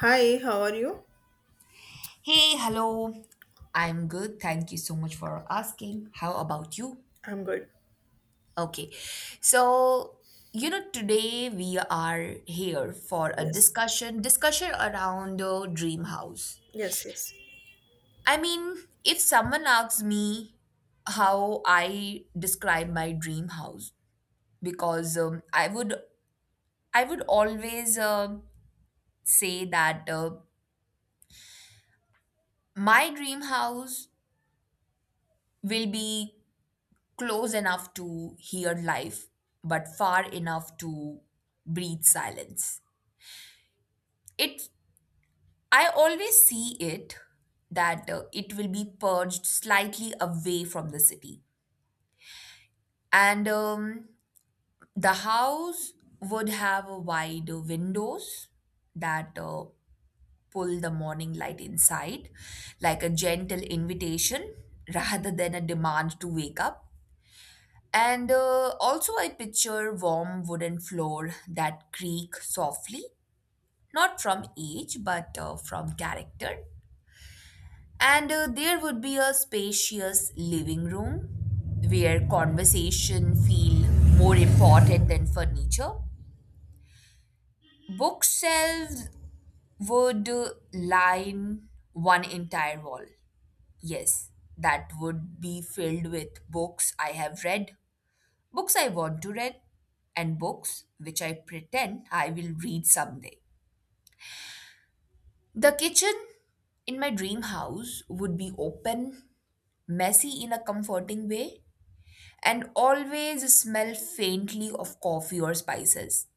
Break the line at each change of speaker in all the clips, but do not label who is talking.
Hi, how are you?
Hey, hello. I'm good. Thank you so much for asking. How about you?
I'm good.
Okay. So, you know, today we are here for a
Yes,
discussion, discussion around the dream house.
yes, yes.
I mean, if someone asks me how I describe my dream house, because I would always say that my dream house will be close enough to hear life, but far enough to breathe silence. It I always see it that it will be purged slightly away from the city, and the house would have a wide windows that pull the morning light inside, like a gentle invitation rather than a demand to wake up. And also, I picture warm wooden floor that creak softly, not from age, but from character. And there would be a spacious living room where conversation feel more important than furniture. Bookshelves would line one entire wall. Yes, that would be filled with books I have read, books I want to read, and books which I pretend I will read someday. The kitchen in my dream house would be open, messy in a comforting way, and always smell faintly of coffee or spices.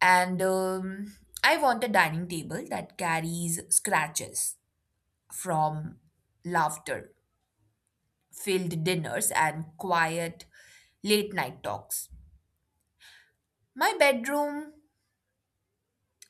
And I want a dining table that carries scratches from laughter, filled dinners, and quiet late night talks. My bedroom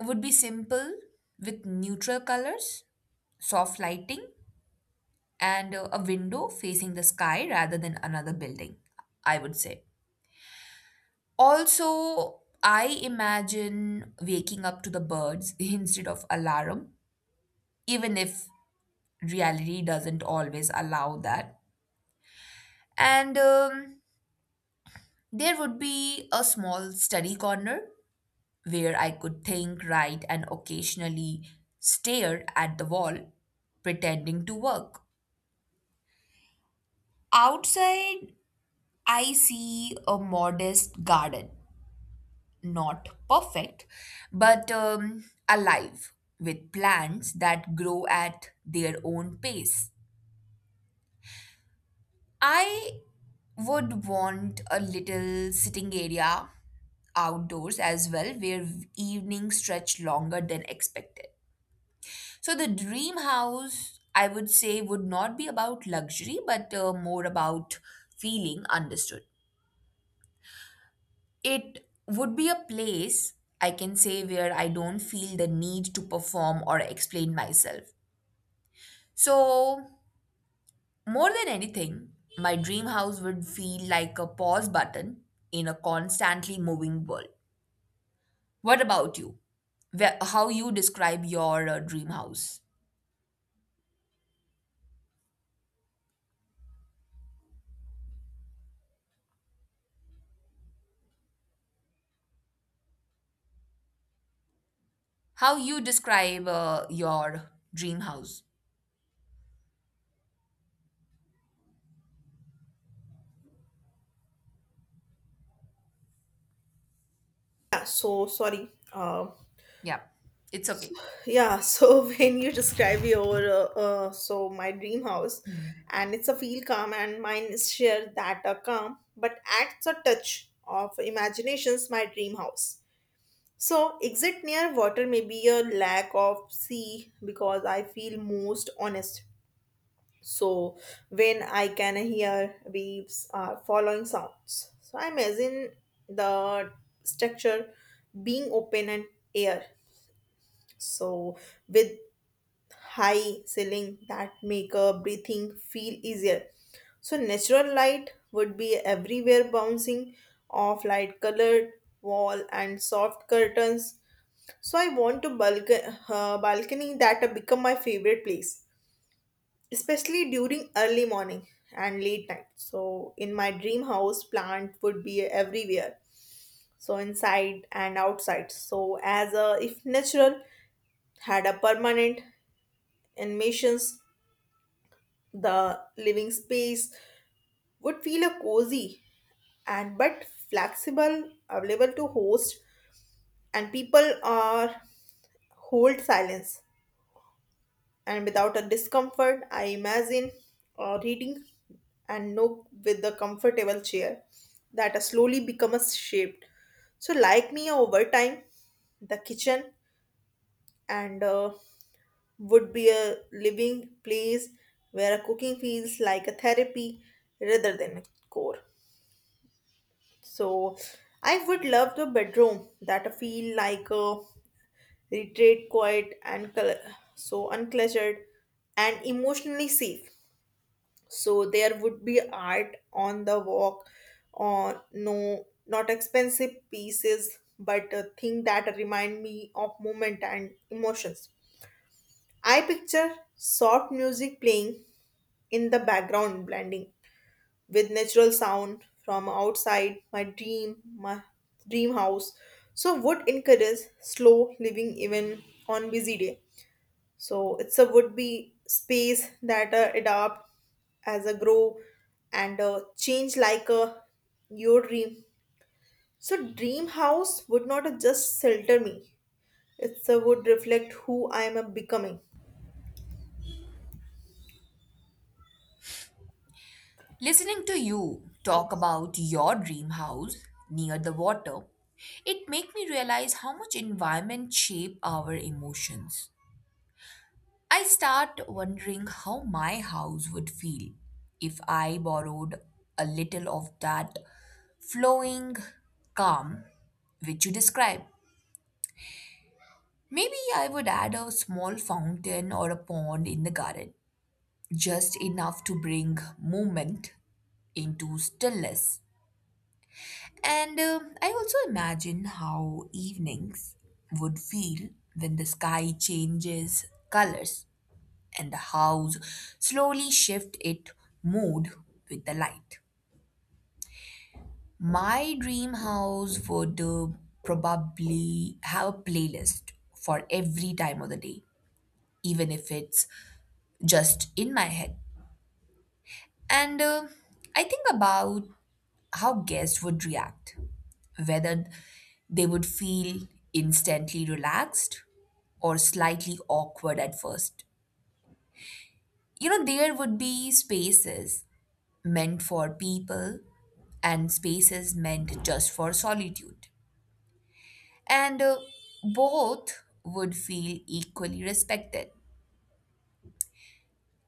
would be simple with neutral colors, soft lighting, and a window facing the sky rather than another building, I would say. Also, I imagine waking up to the birds instead of alarm, even if reality doesn't always allow that. And there would be a small study corner where I could think, write, and occasionally stare at the wall, pretending to work. Outside, I see a modest garden, not perfect, but alive with plants that grow at their own pace. I would want a little sitting area outdoors as well, where evenings stretch longer than expected. So, the dream house, I would say, would not be about luxury, but more about feeling understood. It would be a place I can say where I don't feel the need to perform or explain myself. So, more than anything, my dream house would feel like a pause button in a constantly moving world. What about you? Where, how you describe your dream house? How you describe your dream house?
Yeah, so sorry.
Yeah, it's okay.
Yeah, so when you describe your so my dream house, and it's a feel calm, and mine is share that a calm, but adds a touch of imaginations. My dream house. So exit near water may be a lack of sea because I feel most honest. So when I can hear waves are following sounds. So I imagine the structure being open and air. So with high ceiling that make a breathing feel easier. So natural light would be everywhere bouncing off light colored wall and soft curtains. So I want to balcony, balcony that become my favorite place especially during early morning and late night. So in my dream house, plant would be everywhere. So inside and outside. So as a if natural had a permanent animations, the living space would feel a cozy and but flexible, available to host and people are hold silence and without a discomfort. I imagine reading and nook with the comfortable chair that has slowly become a shaped so like me over time. The kitchen and would be a living place where a cooking feels like a therapy rather than a chore. So I would love the bedroom that I feel like a retreat, quiet and so uncluttered and emotionally safe. So there would be art on the walk or no, not expensive pieces but a thing that remind me of moment and emotions. I picture soft music playing in the background blending with natural sound from outside my dream house, so would encourage slow living even on busy day. So it's a would-be space that adapt as a grow and change like your dream. So dream house would not just shelter me. It's a would reflect who I am becoming.
Listening to you talk
Yes.
about your dream house near the water, it make me realize how much environment shape our emotions. I start wondering how my house would feel if I borrowed a little of that flowing calm which you describe. Maybe I would add a small fountain or a pond in the garden, just enough to bring movement into stillness. And I also imagine how evenings would feel when the sky changes colors and the house slowly shift its mood with the light. My dream house would probably have a playlist for every time of the day, even if it's just in my head. And I think about how guests would react, whether they would feel instantly relaxed or slightly awkward at first. You know, there would be spaces meant for people and spaces meant just for solitude. And both would feel equally respected.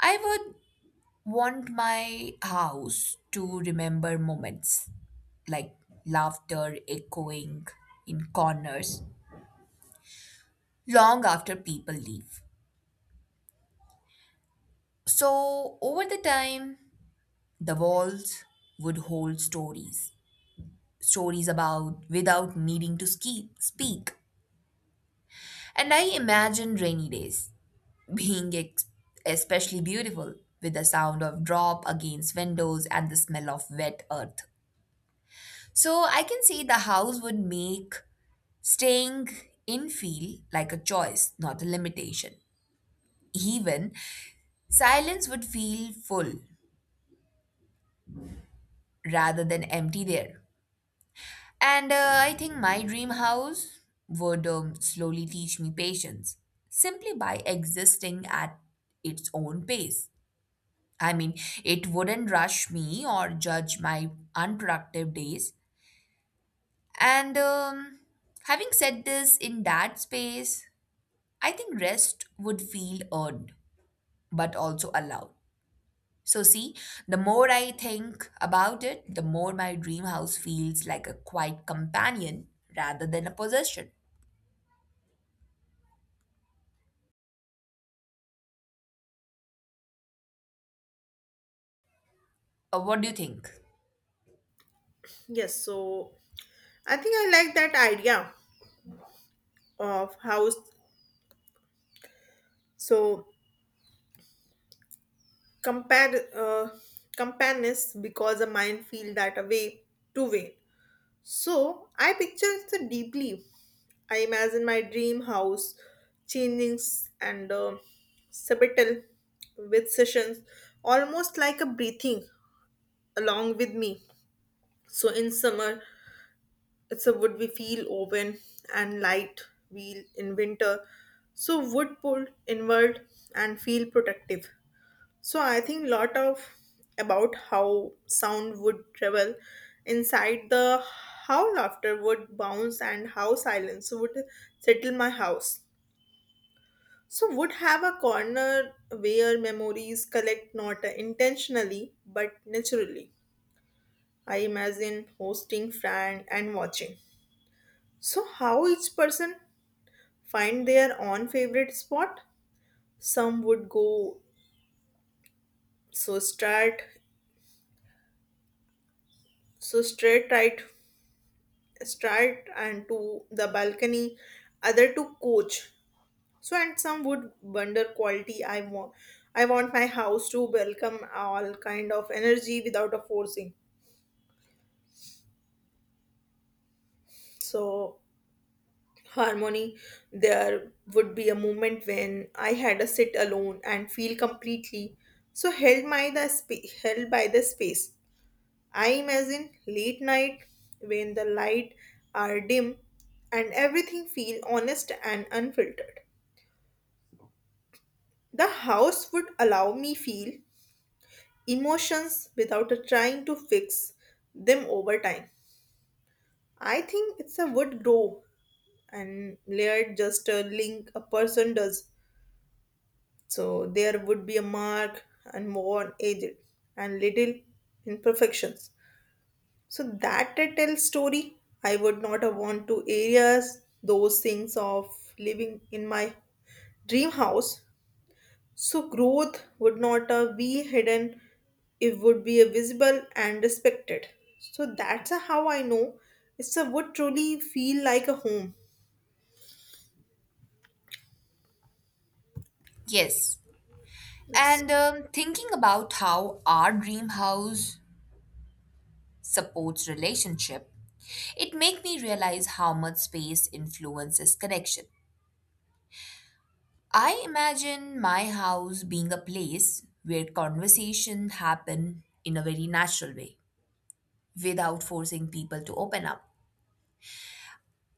I would want my house to remember moments like laughter echoing in corners long after people leave. So, over the time, the walls would hold stories, stories about without needing to ski, speak. And I imagine rainy days being especially beautiful with the sound of drop against windows and the smell of wet earth. So, I can say the house would make staying in feel like a choice, not a limitation. Even silence would feel full rather than empty there. And I think my dream house would slowly teach me patience simply by existing at its own pace. I mean, it wouldn't rush me or judge my unproductive days. And having said this, in that space, I think rest would feel earned but also allowed. So, see, the more I think about it, the more my dream house feels like a quiet companion rather than a possession. What do you think?
Yes. So I think I like that idea of house. So compare companions because the mind feel that a way to way. So I picture it deeply. I imagine my dream house, changings and sabbatical with sessions, almost like a breathing along with me. So in summer, it's a wood we feel open and light. Wheel in winter, so wood pull inward and feel protective. So I think lot of about how sound would travel inside the how laughter would bounce and how silence would settle my house. So, would have a corner where memories collect not intentionally but naturally. I imagine hosting friend and watching. So, how each person find their own favorite spot? Some would go so start so straight right start and to the balcony, other to coach. So, and some would wonder quality. I want my house to welcome all kind of energy without a forcing. So, harmony, there would be a moment when I had a sit alone and feel completely so held by the held by the space. I imagine late night when the light are dim and everything feel honest and unfiltered. The house would allow me feel emotions without a trying to fix them over time. I think it's a would grow and layered just a link a person does. So there would be a mark and more on aged and little imperfections. So that tell story. I would not have want to areas those things of living in my dream house. So growth would not be hidden, it would be a visible and respected. So that's a how I know it's a would truly feel like a home.
Yes.
Yes.
And thinking about how our dream house supports relationship, it make me realize how much space influences connection. I imagine my house being a place where conversation happen in a very natural way without forcing people to open up.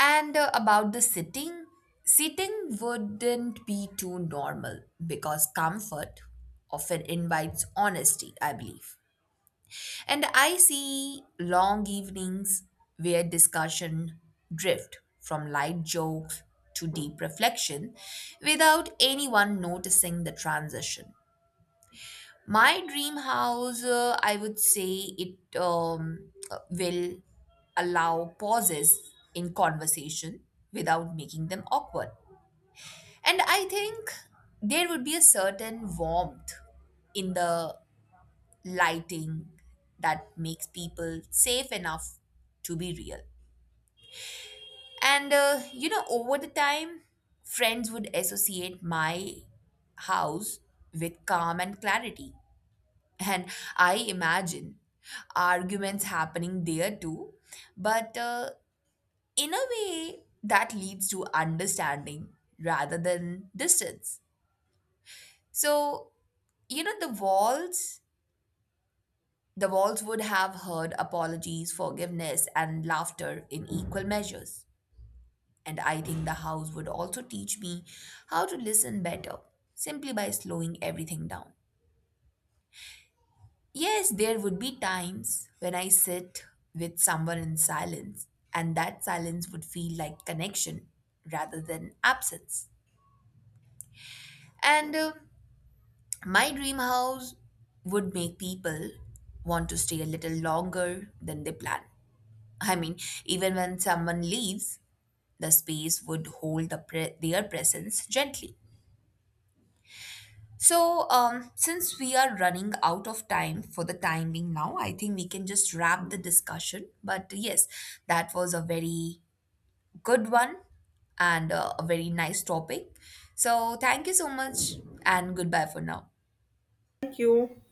And about the sitting, wouldn't be too normal because comfort often invites honesty, I believe. And I see long evenings where discussion drift from light jokes to deep reflection without anyone noticing the transition. My dream house, I would say it will allow pauses in conversation without making them awkward. And I think there would be a certain warmth in the lighting that makes people safe enough to be real. And, you know, over the time, friends would associate my house with calm and clarity. And I imagine arguments happening there too. But in a way, that leads to understanding rather than distance. So, you know, the walls would have heard apologies, forgiveness, and laughter in equal measures. And I think the house would also teach me how to listen better, simply by slowing everything down. Yes, there would be times when I sit with someone in silence, and that silence would feel like connection rather than absence. And my dream house would make people want to stay a little longer than they plan. I mean, even when someone leaves, the space would hold the their presence gently. So, since we are running out of time for the time being now, I think we can just wrap the discussion. But yes, that was a very good one and a very nice topic. So, thank you so much and goodbye for now.
Thank you.